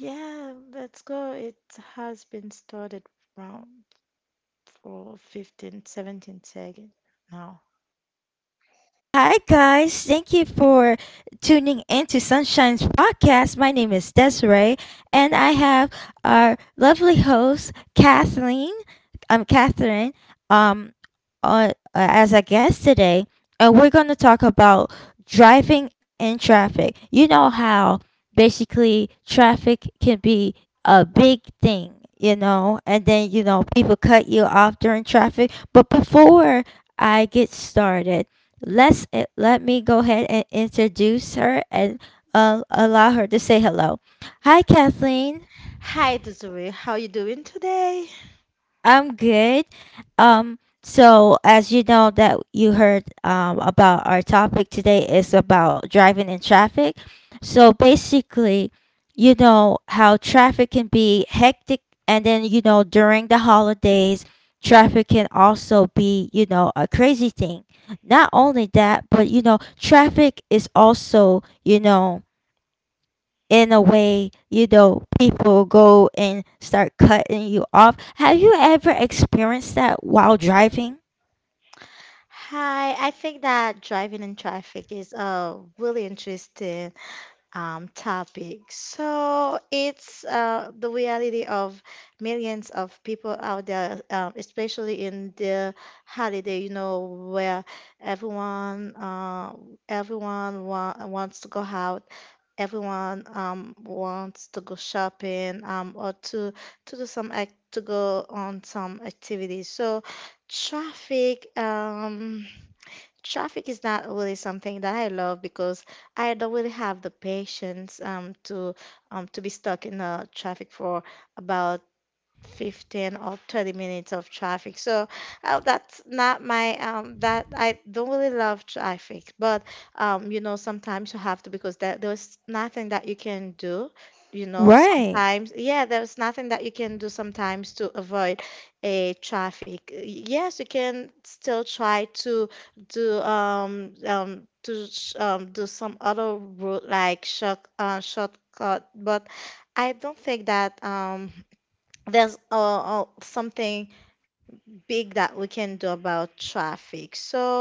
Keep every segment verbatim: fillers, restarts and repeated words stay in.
Yeah, let's go. It has been started around for fifteen, seventeen seconds now. For tuning into Sunshine's podcast. My name is Desiree, and I have our lovely host, Kathleen. I'm Catherine. Um, on, as a guest today, and we're going to talk about driving in traffic. You know how basically traffic can be a big thing, you know, and then you know people cut you off during traffic. But before I get started, let's eh, let me go ahead and introduce her and uh, allow her to say hello. Hi, Kathleen. Hi, Desiree. How you doing today? I'm good. Um, so as you know that you heard um about our topic today is about driving in traffic. So basically, you know how traffic can be hectic and then you know during the holidays, traffic can also be, you know, a crazy thing. Not only that, but you know, traffic is also, you know, in a way, you know, people go and start cutting you off. Have you ever experienced that while driving? Hi. I think that driving in traffic is a really interesting um, topic. So it's uh, the reality of millions of people out there, um, especially in the holiday, you know, where everyone uh, everyone wa- wants to go out. Everyone um wants to go shopping um or to to do some act to go on some activities. So traffic um traffic is not really something that I love because I don't really have the patience um to um to be stuck in a traffic for about fifteen or thirty minutes of traffic. So uh, that's not my um that I don't really love traffic. But um you know sometimes you have to because there, there's nothing that you can do, you know. Right, Sometimes, yeah, there's nothing that you can do sometimes to avoid a traffic. Yes, you can still try to do um um to sh- um do some other route like short uh shortcut, but I don't think that um there's uh, uh, something big that we can do about traffic. So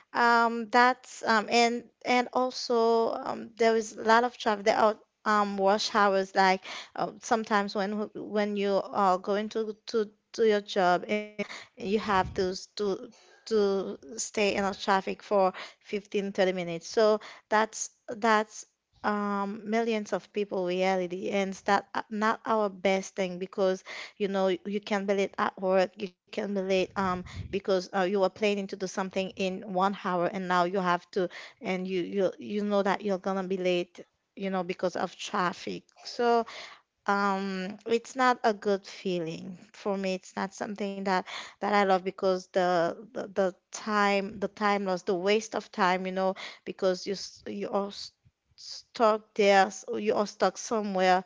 um, that's um, and and also, um, there is a lot of traffic. There are um, rush hours, like uh, sometimes when w- when you are going to to to your job, and you have to s- to to stay in a traffic for fifteen, thirty minutes. So that's that's um, millions of people reality, and it's that not not our best thing because you know you can be late at work, you can be late. Um, because uh, you were planning to do something in one hour, and now you have to, and you you you know that you're gonna be late, you know, because of traffic. So um it's not a good feeling for me. It's not something that that I love because the the, the time the time loss, the waste of time, you know. Because you s- you are s- stuck there, s- you are stuck somewhere,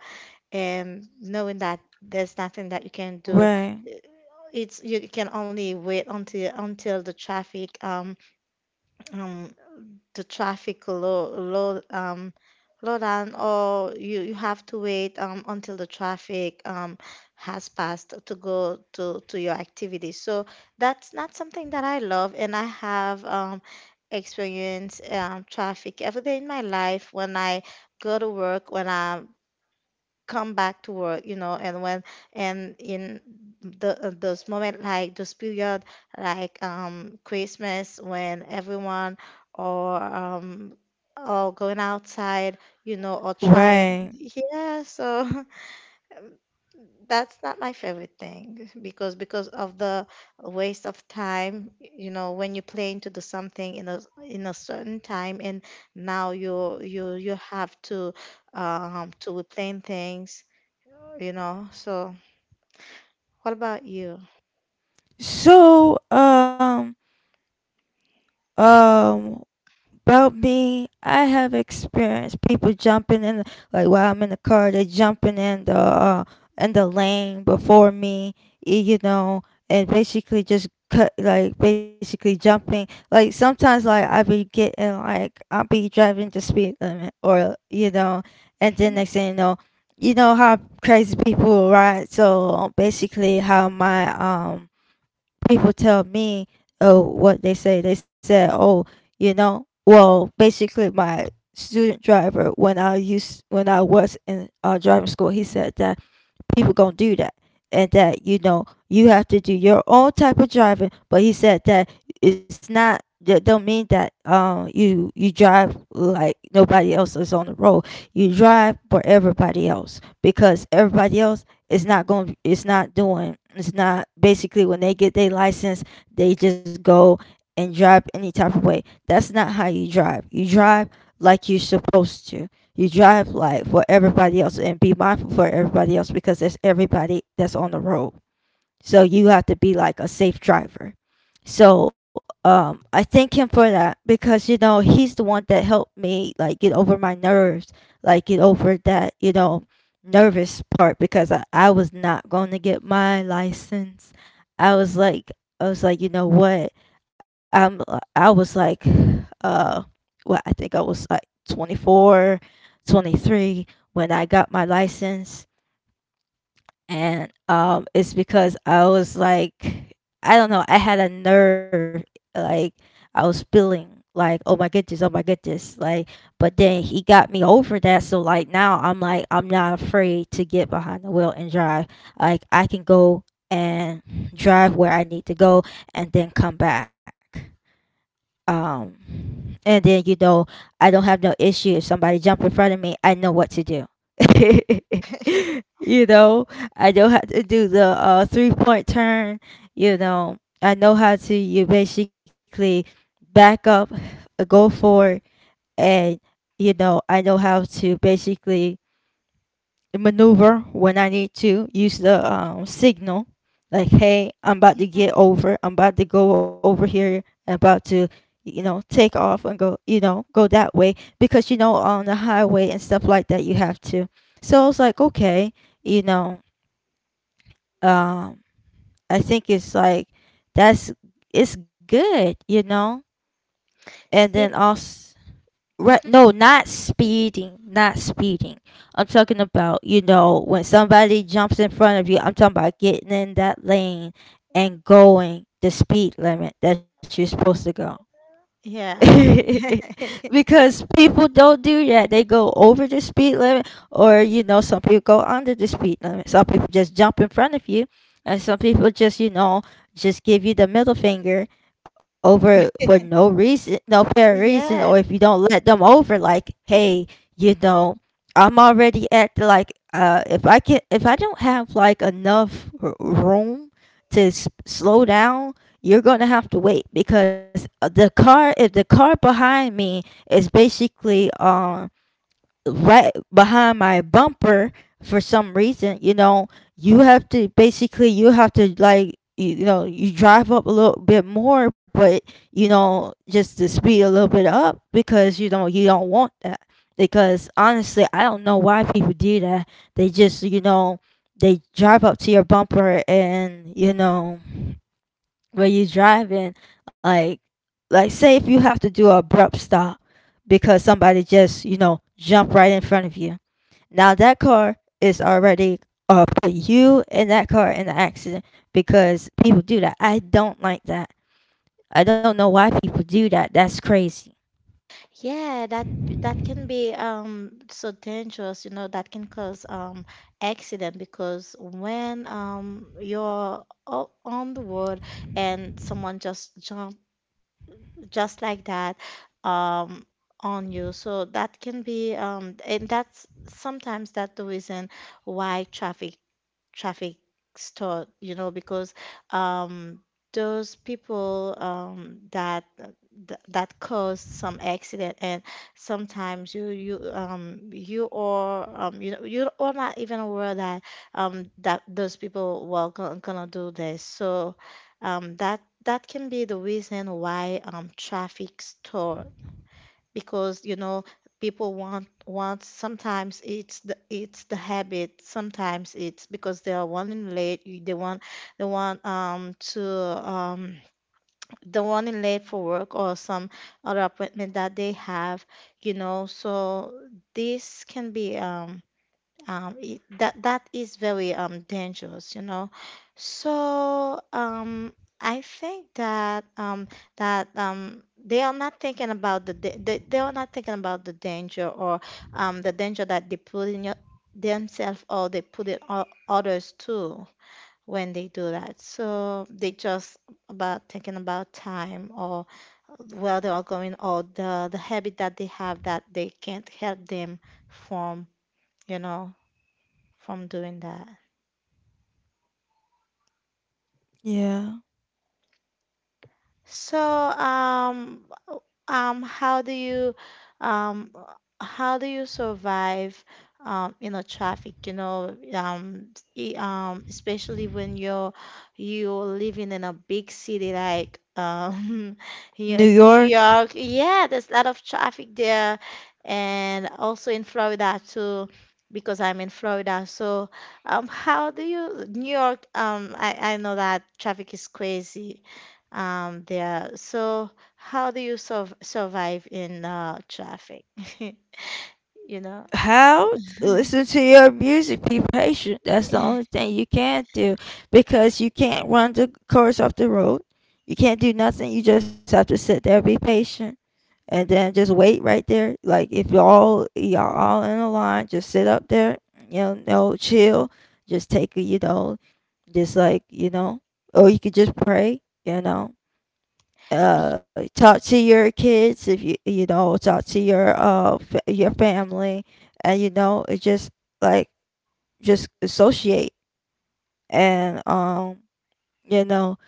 and knowing that there's nothing that you can do. uh, right, it's you can only wait until until the traffic, um um the traffic low low um low down. Or you you have to wait um until the traffic um has passed to go to to your activity. So that's not something that I love. And I have um experienced um traffic every day in my life when I go to work, when I come back to work, you know. And when, and in the, uh, those moment, like those period, like um Christmas, when everyone, or um or going outside, you know, or trying. right. Yeah, so that's not my favorite thing because because of the waste of time, you know, when you plan to do something in a in a certain time, and now you you you have to um to plan things, you know. So what about you? So, um, um, about me, I have experienced people jumping in, like while I'm in the car, they jumping in the uh, in the lane before me, y- you know, and basically just cut, like basically jumping. Like sometimes, like I be getting, like I'll be driving the speed limit, or you know, and then next thing you know, you know how crazy people ride. So basically, how my um people tell me, oh, what they say. They said, oh, you know, well, basically my student driver when I used when I was in uh, driving school, he said that people gonna do that and that you know you have to do your own type of driving, but he said that it's not that don't mean that um you you drive like nobody else is on the road. You drive for everybody else because everybody else is not going, it's not doing, it's not basically when they get their license. They just go and drive any type of way. That's not how you drive. You drive like you're supposed to. You drive like for everybody else and be mindful for everybody else, because there's everybody that's on the road. So you have to be like a safe driver. So um, I thank him for that, because you know he's the one that helped me like get over my nerves, like get over that you know nervous part, because I, I was not going to get my license. I was like, I was like, you know what, I'm, I was like, uh well, I think I was like twenty-four, twenty-three when I got my license. And um it's because I was like, I don't know, I had a nerve, like I was feeling like, oh my goodness, oh my goodness, like, but then he got me over that. So like now I'm like, I'm not afraid to get behind the wheel and drive. Like I can go and drive where I need to go and then come back. um, and then you know I don't have no issue if somebody jump in front of me. I know what to do. You know, I know how to do the uh, three point turn. You know, I know how to, you basically back up, go forward, and you know I know how to basically maneuver when I need to use the um, signal. Like, hey, I'm about to get over, I'm about to go over here, I'm about to, you know, take off and go, you know, go that way. Because, you know, on the highway and stuff like that, you have to. So I was like, okay, you know, um, I think it's like, that's, it's good, you know? And then Speed. also, right, Mhm. no, not speeding, not speeding. I'm talking about, you know, when somebody jumps in front of you, I'm talking about getting in that lane and going the speed limit that you're supposed to go. Yeah. Because people don't do that. They go over the speed limit, or you know, some people go under the speed limit. Some people just jump in front of you, and some people just, you know, just give you the middle finger over for no reason, no fair reason. Yeah. Or if you don't let them over, like, hey, you know, I'm already at the, like, uh, if I can, if I don't have like enough r- room to s- slow down, you're going to have to wait, because uh, the car if the car behind me is basically um right behind my bumper for some reason, you know, you have to basically, you have to like, you, you know, you drive up a little bit more, but you know, just to speed a little bit up, because you know you don't want that. Because honestly I don't know why people do that. They just, you know, they drive up to your bumper, and you know, where you driving, like like say if you have to do a abrupt stop because somebody just, you know, jumped right in front of you. Now that car is already uh put you and that car in the accident, because people do that. I don't like that. I don't know why people do that. That's crazy. Yeah, that b- that can be um so dangerous, you know, that can cause um accident because when um you're o- on the road and someone just jump, just like that, um on you. So that can be um and that's sometimes, that's the reason why traffic, traffic store, you know, because um, those people, um, that th- that cause some accident. And sometimes you you um you are, um you know, you are not even aware that um that those people were gonna, gonna do this. So um that that can be the reason why um traffic store because, you know, people want, want sometimes it's the, it's the habit. Sometimes it's because they are running late, you- they want, they want um to um they are running late for work, or some other appointment that they have, you know. So this can be um um it, that that is very um dangerous, you know. So um I think that um that um they are not thinking about the da- they, they are not thinking about the danger, or um the danger that they put in your, themselves, or they put in o- others too when they do that. So they just about thinking about time, or where they are going, or the the habit that they have, that they can't help them from, you know, from doing that. Yeah. So, um, w- um, how do you, um, how do you survive, um, you know, traffic, you know, um, e- um, especially when you're you're living in a big city like, um, you know, New New York, York. Yeah, there's a lot of traffic there, and also in Florida too. Because I'm in Florida. So, um, how do you New York? Um, I I know that traffic is crazy, um, there. So how do you sur- survive in uh, traffic? You know. how to listen to your music, be patient, that's the Y- only thing you can do. Because you can't run the course off the road, you can't do nothing, you just have to sit there, be patient, and then just wait right there. Like if y'all y'all all in a line, just sit up there, you know, no chill, just take a, you know, just like, you know, or you could just pray, you know, uh, talk to your kids, if you you know, talk to your uh fa- your family, and you know, it just, like, just associate. And um you know,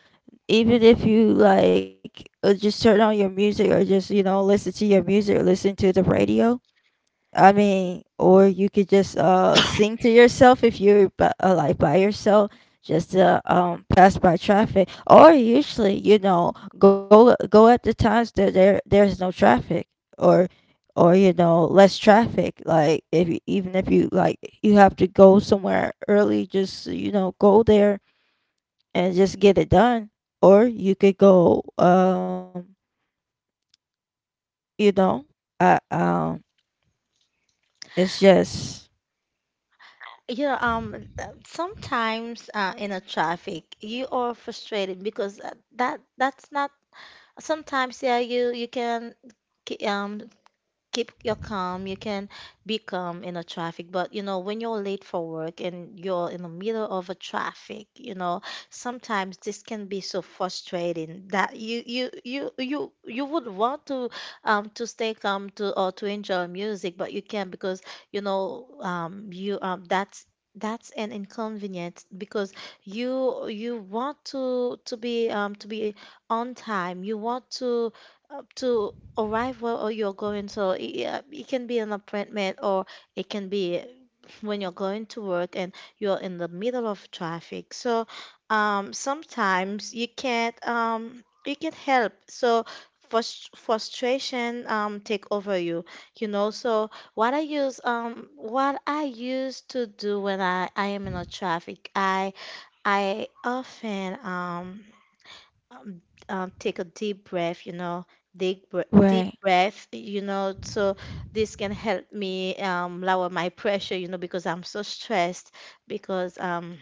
even if you like, uh, just turn on your music, or just you know listen to your music, listen to the radio. I mean, or you could just uh sing to yourself if you're by, uh, like by yourself, just to um pass by traffic. Or usually, you know, go uh, go at the times that there there is no traffic, or or you know less traffic. Like if you- even if you like, you have to go somewhere early, just you know, go there and just get it done. Or you could go um you know uh um it's just You know. um, uh, sometimes uh, in a traffic, you are frustrated because uh, that that's not. Sometimes, yeah, you you can k- um keep your calm. You can be calm in a traffic, but you know when you're late for work and you're in the middle of a traffic, you know, sometimes this can be so frustrating that you you you you you would want to um to stay calm, to, or to enjoy music, but you can't because you know um you um that's, that's an inconvenience. Because you you want to to be um to be on time. You want to up to arrive where, or you're going. So it, yeah, it can be an appointment, or it can be when you're going to work and you're in the middle of traffic. So um, sometimes you can't, um, you can't help. So frus- frustration, um, take over you, you know. So what I use, um what I used to do when I I am in a traffic, I I often um um, um, take a deep breath, you know, deep br- right, deep breath, you know. So this can help me, um, lower my pressure, you know, because I'm so stressed because, um,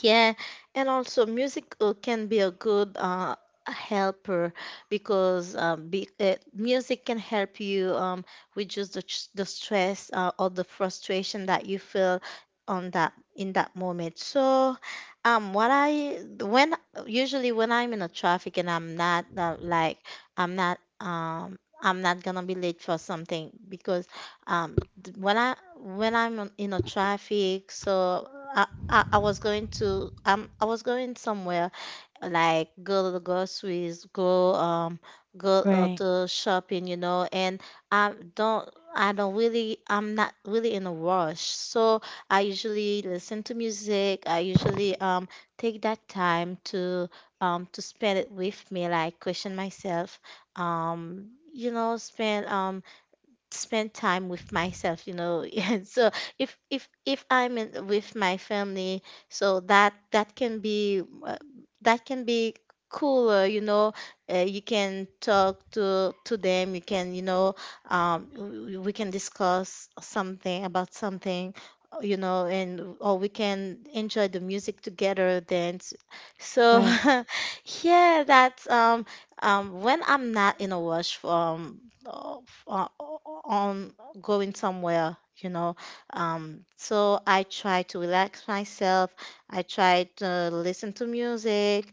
yeah. And also, music uh, can be a good uh, helper because uh, be, uh, music can help you, um, reduce the, ch- the stress, uh, or the frustration that you feel on that, in that moment. So, um, what I, when usually when I'm in a traffic and I'm not uh, like, I'm not um. I'm not gonna be late for something because um, th- when I when I'm in a traffic. So uh, I, I was going to um I was going somewhere, like go to the groceries, go um go right, uh, to shopping, you know. And I don't I don't really, I'm not really in a rush. So I usually listen to music. I usually um take that time to um to spend it with me, like question myself, um you know, spend um spend time with myself, you know. Yeah, so if if if I'm in, with my family, so that that can be uh, that can be cooler, you know. Uh, you can talk to to them, you can, you know, um we, we can discuss something about something, uh, you know. And, or we can enjoy the music together then, so. right. Yeah, that's um um, when I'm not in a rush from uh, f- uh, on going somewhere, you know. Um, so I try to relax myself. I try to listen to music.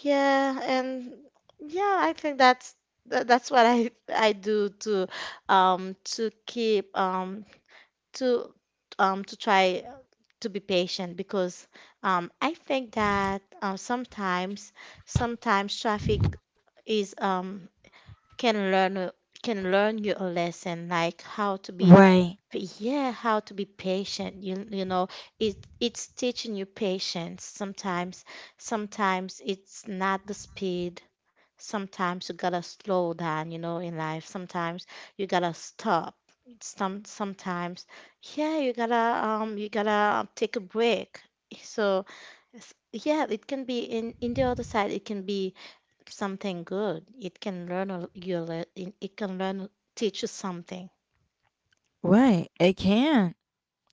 Yeah. And yeah, I think that's tha- that's what I I do to, um to keep, um to, um to try to be patient because um I think that um sometimes sometimes traffic is um can learn a- can learn you a lesson, like how to be. Right, But yeah, how to be patient. You you know, it it's teaching you patience. Sometimes sometimes it's not the speed. Sometimes you gotta slow down, you know, in life. Sometimes you gotta stop. Some sometimes, yeah, you gotta um you gotta take a break. So s- yeah, it can be in, in the other side. It can be something good. It can learn a- you le- it it can learn, teach you something. right. It can,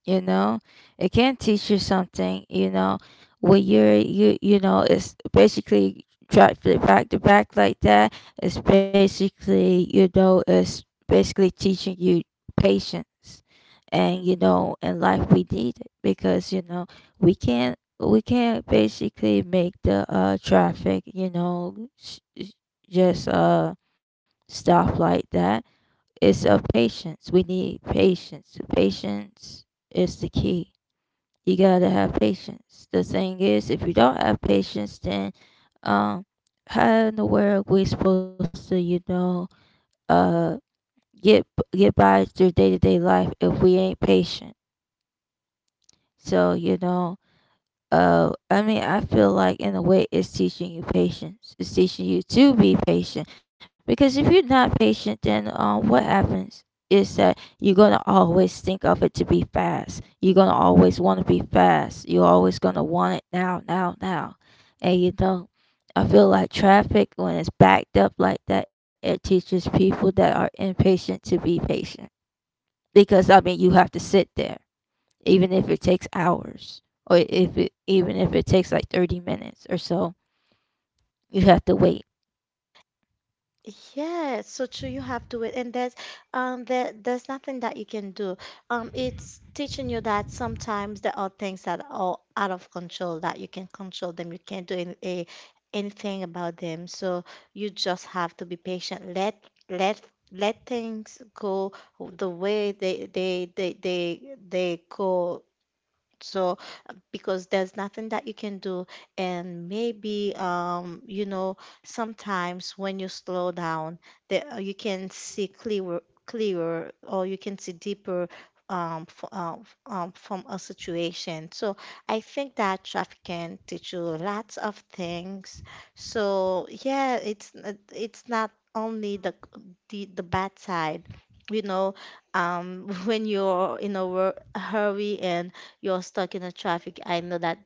you know, it can teach you something, you know, when you're, you you know, it's basically try flip back to back like that. It's basically you know, it's basically teaching you patience. And you know, in life we need it, because you know we can't we can't basically make the uh traffic, you know, s- s- just uh stop like that. It's a patience. We need patience. Patience is the key. You gotta have patience. The thing is, if you don't have patience, then um, how in the world we supposed to, you know, uh, get get by through day to day life if we ain't patient? So you know, oh, I mean, I feel like in a way it's teaching you patience. It's teaching you to be patient, because if you're not patient, then um, what happens is that you're gonna always think of it to be fast. You're gonna always want to be fast. You're always gonna want it now, now, now, and you don't. I feel like traffic when it's backed up like that, it teaches people that are impatient to be patient. Because I mean, you have to sit there, even if it takes hours, or if it, even if it takes like thirty minutes or so, you have to wait. Yes, so true. You have to wait, and there's um there, there's nothing that you can do. Um, it's teaching you that sometimes there are things that are out of control that you can control them. You can't do any, a, anything about them. So you just have to be patient. Let let let things go the way they they they they they go. So, because there's nothing that you can do. And maybe, um, you know, sometimes when you slow down, there, uh, you can see clearer, clearer, or you can see deeper. Um, f- uh, f- um, from a situation. So I think that traffic can teach you lots of things. So yeah, it's n- it's not only the the, the bad side, you know, um, when you're in a wor- hurry and you're stuck in a traffic. I know that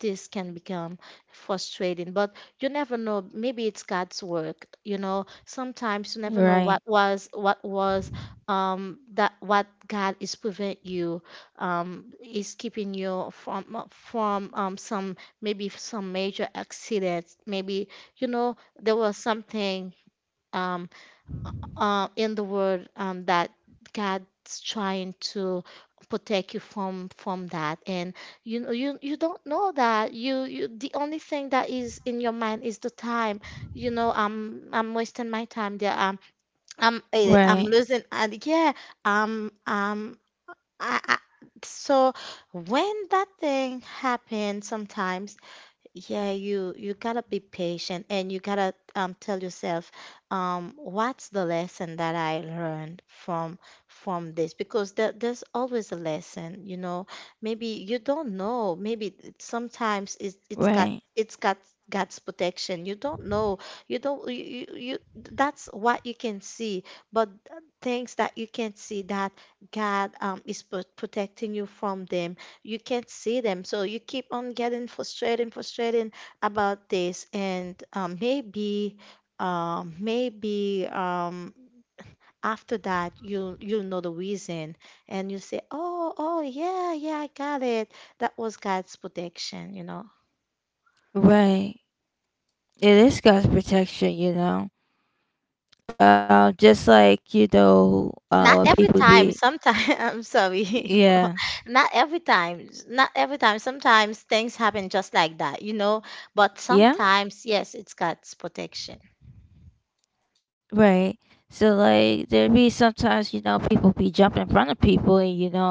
this can become frustrating, but you never know. Maybe it's God's work. You know, sometimes you never Right, know what was what was um that what God is prevent you um is keeping you from from um some maybe some major accidents. Maybe you know there was something. Um, uh, in the world, um, that God's trying to protect you from from that. And you know, you you don't know that you you the only thing that is in your mind is the time. You know, i'm i'm wasting my time there. I'm i'm eh, right, I'm losing. And Yeah. Um um I, I so when that thing happens, sometimes, yeah, you you gotta be patient and you gotta, um, tell yourself, um, what's the lesson that I learned from from this? Because there, there's always a lesson, you know. Maybe you don't know. Maybe it- sometimes it's it's got right, it's got God's protection. You don't know. You don't you, you you- That's what you can see, but things that you can see that God, um, is pro- protecting you from them, you can't see them. So you keep on getting frustrated and frustrated about this. And, um, maybe um, maybe, um, after that you you know the reason, and you say, oh, oh yeah, yeah I got it. That was God's protection, you know. right. It is God's protection, you know. um just like you know Not uh when every people time. be, Sometimes. I'm sorry. yeah, Not every time, not every time. Sometimes things happen just like that, you know. But yeah, sometimes yes, it's God's protection. right. So like there be sometimes, you know, people be jumping in front of people and you know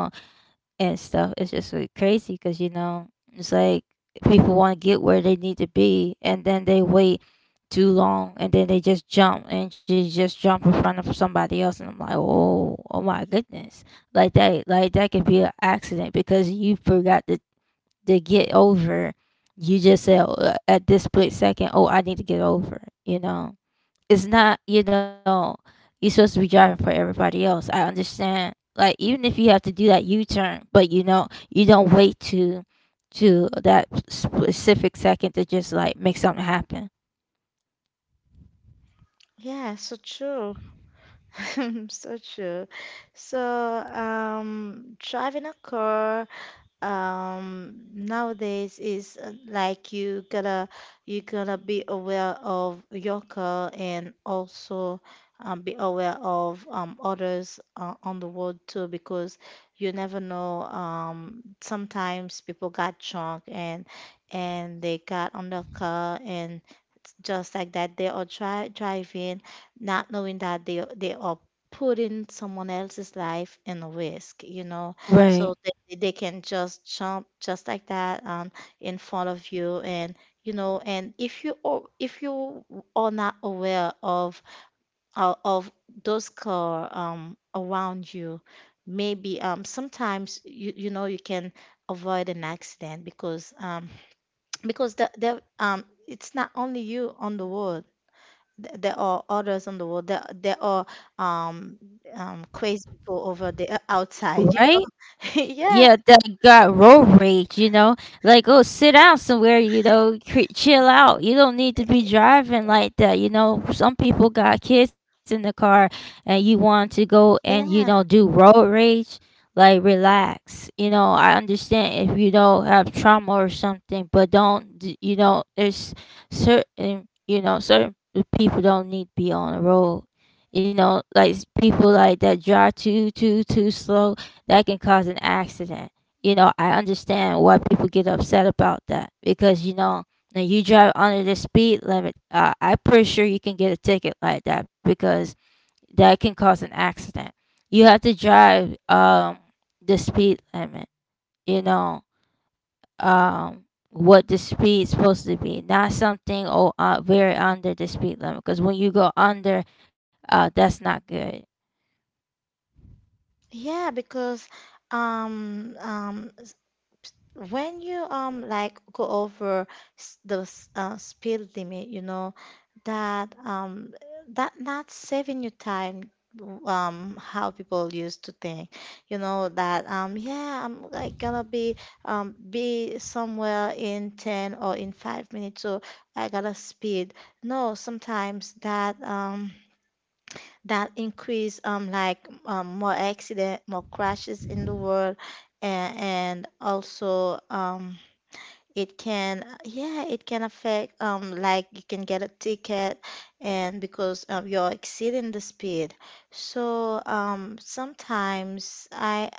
and stuff. It's just like crazy, because you know it's like people want to get where they need to be, and then they wait too long, and then they just jump and just just jump in front of somebody else, and I'm like, oh, oh my goodness, like that, like that could be an accident, because you forgot to to get over. You just said oh, uh, at this split second, oh, I need to get over, you know it's not you know You're supposed to be driving for everybody else. I understand, like, even if you have to do that U-turn, but you know you don't wait to to that specific second to just like make something happen. Yeah, so true. So true. So, um, driving a car, um, nowadays is, uh, like, you gotta you gotta be aware of your car and also, um, be aware of, um, others, uh, on the road too, because you never know. Um, sometimes people got drunk, and and they got on the car, and just like that they are dri- driving, not knowing that they they are putting someone else's life in risk, you know. Right. So they, they can just jump just like that, um in front of you. And you know, and if you are if you are not aware of of of those car um around you, maybe, um sometimes, you you know, you can avoid an accident. Because, um because the, the um it's not only you on the road. Th- there are others on the world. There, there are, um um crazy people over there, uh, outside. Right. Yeah, Yeah. that got road rage, you know, like, oh, sit down somewhere, you know, cre- chill out. You don't need to be driving like that. You know, some people got kids in the car and you want to go and, you know, Yeah, do road rage. Like, relax. You know, I understand if you don't have trauma or something, but don't d- you know, there's certain, you know, certain people don't need to be on the road. You know, like people like that drive too too too slow. That can cause an accident. You know, I understand why people get upset about that because, you know, when you drive under the speed limit, uh, I'm pretty sure you can get a ticket like that because that can cause an accident. You have to drive um the speed limit. You know, um what the speed's supposed to be, not something, oh, uh, very under the speed limit, because when you go under, uh, that's not good. yeah, because, um um when you, um like, go over s- the s- uh, speed limit, you know, that um that not saving you time, um how people used to think. You know, that um yeah, I'm like gonna be, um be somewhere in ten or in five minutes, so I gotta speed. No, sometimes that, um that increase, um like, um more accident, more crashes in the world. And, and also, um it can, yeah, it can affect, um like, you can get a ticket. And because, um, you're exceeding the speed. So, um sometimes i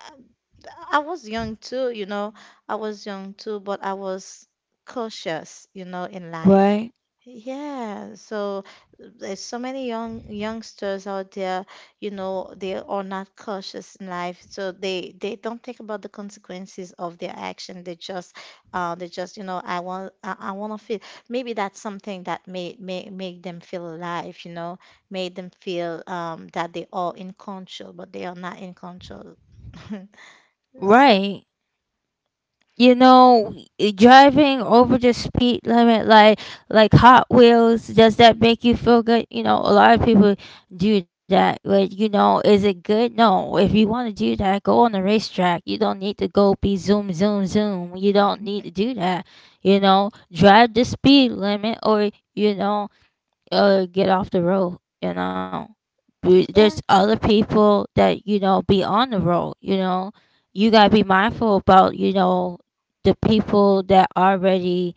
I was young too, you know. I was young too, but I was cautious, you know, in life. Right. Yeah, so there's so many young youngsters out there, you know, they are not cautious in life. So they they don't think about the consequences of their action. They just, uh they just, you know, I want I, I want to feel, maybe that's something that may, may make them feel alive, you know, made them feel, um that they are in control, but they are not in control. So, Right. you know y- Driving over the speed limit, like like Hot Wheels, does that make you feel good? You know, a lot of people do that, but, you know, is it good? No. If you want to do that, go on the racetrack. You don't need to go be zoom zoom zoom. You don't need to do that. You know, drive the speed limit, or, you know, uh get off the road. You know, Be- there's yeah, other people that, you know, be on the road. You know, you got to be mindful about, you know, the people that already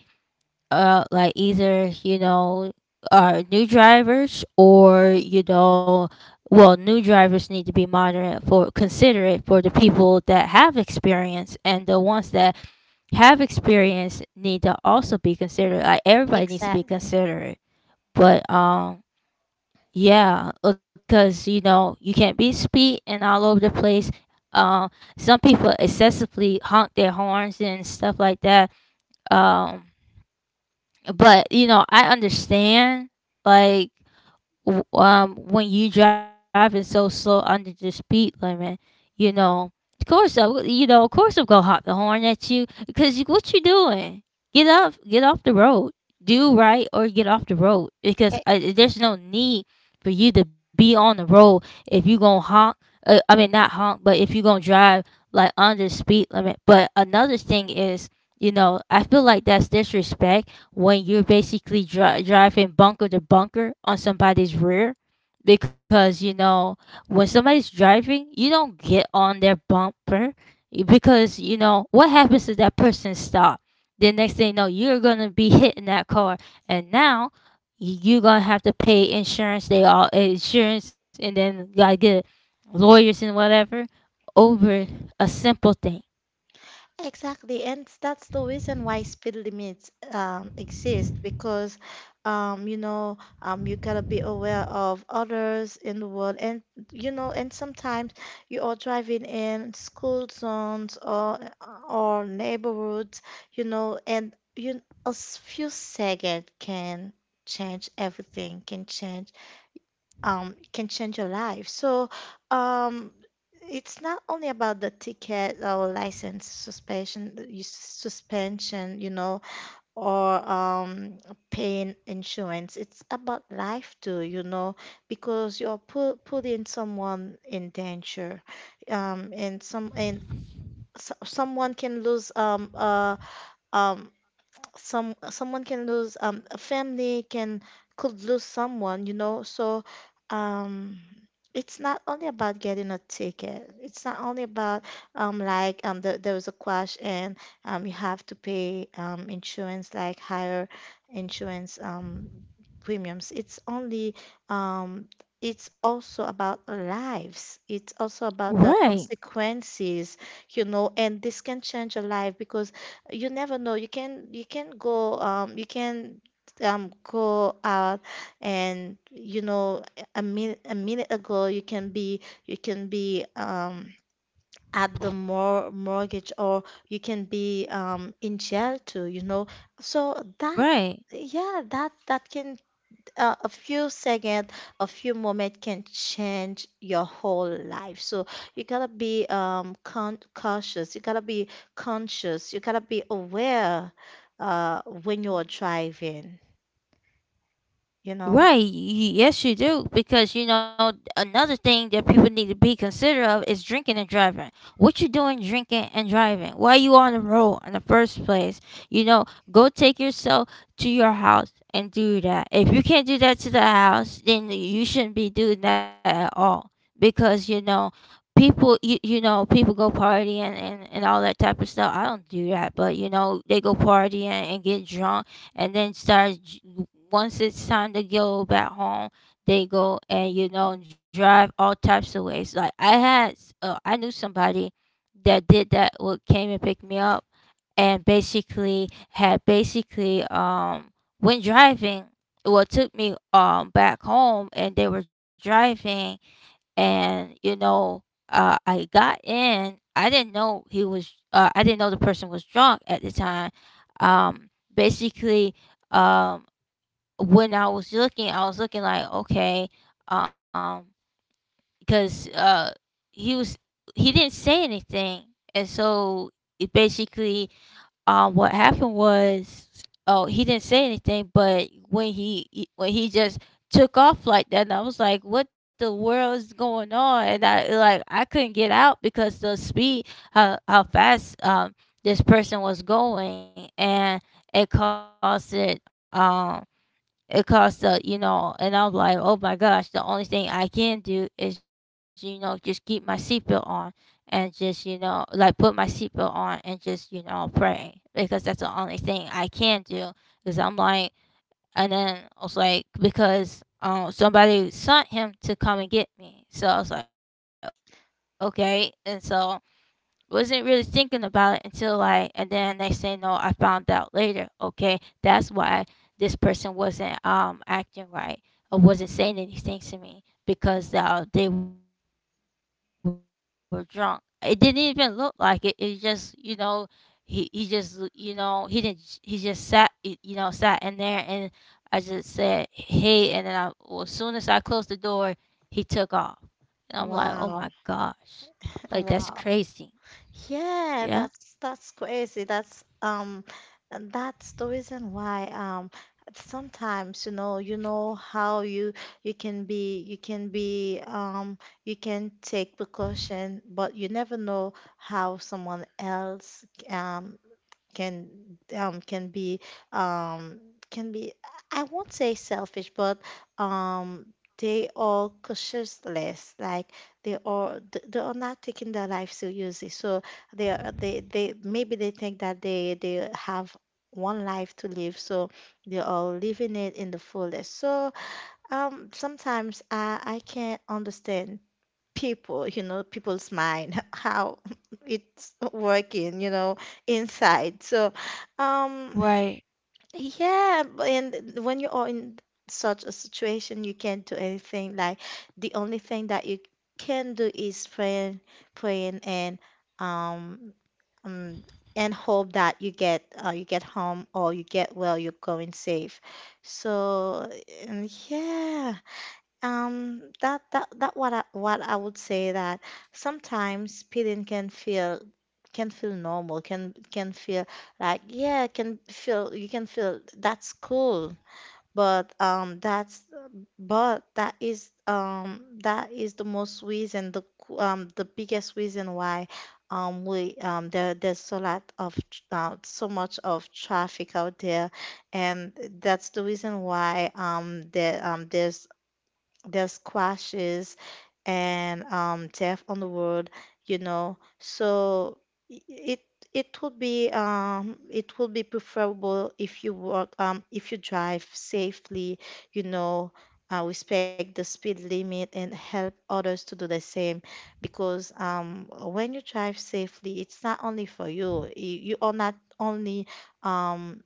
uh like, either, you know, are new drivers, or, you know, well, new drivers need to be moderate for considerate for the people that have experience, and the ones that have experience need to also be considerate. Like, everybody needs to be exactly. considerate. But um yeah, because, you know, you can't be speeding all over the place. Um, some people excessively honk their horns and stuff like that. Um, but you know I understand, like, w- um when you driving so slow under the speed limit, you know, of course, I, w- you know, of course, I'm gonna hop the horn at you because you, what you doing? Get up, get off the road, do right, or get off the road E- because I, there's no need for you to be on the road if you gonna honk. Uh, I mean, not honk, but if you gonna drive like under the speed limit. But another thing is, you know, I feel like that's disrespect when you're basically dri- driving bunker to bunker on somebody's rear, because, you know, when somebody's driving, you don't get on their bumper, y- because you know what happens if that person stop, the next thing you know, you're gonna be hitting that car, and now, y- you're gonna have to pay insurance, they all, eh, insurance, and then gotta get lawyers and whatever over a simple thing. Exactly. And that's the reason why speed limits, um, exist. Because, um, you know, um, you gotta be aware of others in the world. And, you know, and sometimes you are driving in school zones, or or neighborhoods, you know. And you, a s- few seconds can change everything, can change, um, can change your life. So, um, it's not only about the ticket or license suspension, you- suspension, you know, or, um, paying insurance. It's about life too, you know. Because you're put, putting someone in danger, um, and some and so, someone can lose, um, uh, um, some someone can lose, um a family can could lose someone, you know. So, um it's not only about getting a ticket, it's not only about, um like um the, there was a crash and, um you have to pay, um insurance, like, higher insurance, um premiums. It's only, um it's also about lives, it's also about the Right. consequences, you know. And this can change a life. Because you never know, you can you can go, um you can um go out, and you know, a minute, a minute ago, you can be you can be, um at the mor mortgage, or you can be, um in jail too, you know. So that, Right. yeah, that that can, uh, a few second, a few moment can change your whole life. So you gotta be, um con- cautious, you gotta be conscious, you gotta be aware, uh when you're driving, you know. Right. y- Yes, you do. Because, you know, another thing that people need to be considerate of is drinking and driving. What you doing drinking and driving? Why you on the road in the first place? You know, go take yourself to your house and do that. If you can't do that to the house, then you shouldn't be doing that at all. Because, you know, people, you, you know, people go partying and, and all that type of stuff. I don't do that, but you know, they go partying and get drunk, and then start, once it's time to go back home, they go and, you know, drive all types of ways. Like I had, s- uh, I knew somebody that did that. What came and picked me up, and basically had basically um went driving. Well, took me um back home, and they were driving, and you know, uh, I got in. I didn't know he was. Uh, I didn't know the person was drunk at the time. Um, basically, um when I was looking, I was looking like, okay, um, because uh, he was, he didn't say anything, and so it basically, um, what happened was, oh, he didn't say anything, but when he he- when he just took off like that, and I was like, what the world is going on? And I like I couldn't get out because the speed, how how fast um this person was going, and it caused it um it costs, uh, you know, and I'm like, oh my gosh, the only thing I can do is, you know, just keep my seatbelt on, and just, you know, like put my seatbelt on, and just, you know, pray, because that's the only thing I can do. Because I'm like, and then I was like, because um, somebody sent him to come and get me. So I was like, okay. And so wasn't really thinking about it until like, and then they say, no, I found out later, okay, that's why this person wasn't um acting right or wasn't saying anything to me because uh, they were drunk. It didn't even look like it. It just, you know, he, he just, you know, he didn't j- he just sat, y- you know, sat in there, and I just said hey, and then I well, as soon as I closed the door, he took off, and I'm like, oh my gosh, like that's Wow. crazy. Wow. Yeah. Yeah, that's that's crazy. That's, um that's the reason why, um sometimes, you know, you know how you you can be, you can be um you can take precaution, but you never know how someone else, um can um can be, um can be I won't say selfish, but, um they are cautious less. Like, they are th- they are not taking their life seriously. So they are they they maybe they think that they they have one life to live, so they are living it in the fullest. So, um sometimes I I can't understand people, you know, people's mind. How it's working, you know, inside. So, um Right, yeah, b- and when you are in such a situation, you can't do anything. Like, the only thing that you can do is praying, praying and, um um and hope that you get, uh, you get home, or you get well, you're going safe. So, and yeah, um, that that that what I, what I would say, that sometimes speeding can feel, can feel normal, can can feel, like, yeah, can feel, you can feel that's cool. But, um, that's but that is, um that is the most reason, the c- um the biggest reason why, um we um there there's so lot of tr- uh, so much of traffic out there. And that's the reason why, um there um there's there's squashes and, um, deaf on the world, you know. So, i- it it would be, um it would be preferable if you work um if you drive safely, you know, uh, respect the speed limit and help others to do the same. Because, um when you drive safely, it's not only for you. You, you are not only, um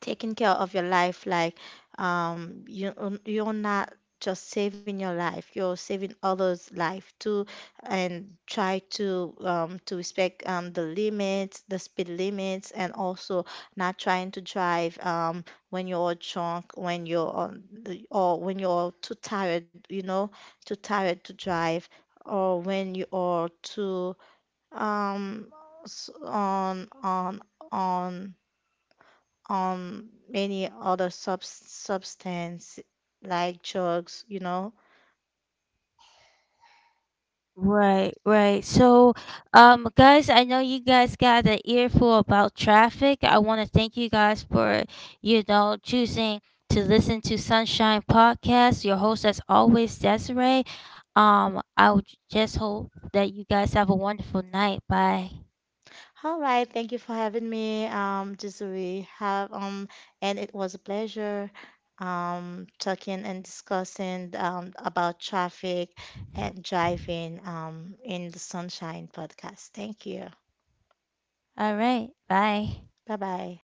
taking care of your life. Like, um you you're not just saving your life, you're saving others life too. And try to, um, to respect, um, the limits the speed limits. And also not trying to drive, um, when you're drunk, when you're on the- or when you're too tired, you know, too tired to drive. Or when you are too, um s- on on on on many other sub- substance, like drugs, you know. right, right. So, um, guys, I know you guys got an earful about traffic. I want to thank you guys for, you know, choosing to listen to Sunshine Podcast. Your host, as always, Desiree. Um, I would just hope that you guys have a wonderful night. Bye. All right, thank you for having me. Um, this we have um, and it was a pleasure, um talking and discussing, um about traffic and driving, um in the Sunshine podcast. Thank you. All right. Bye. Bye bye.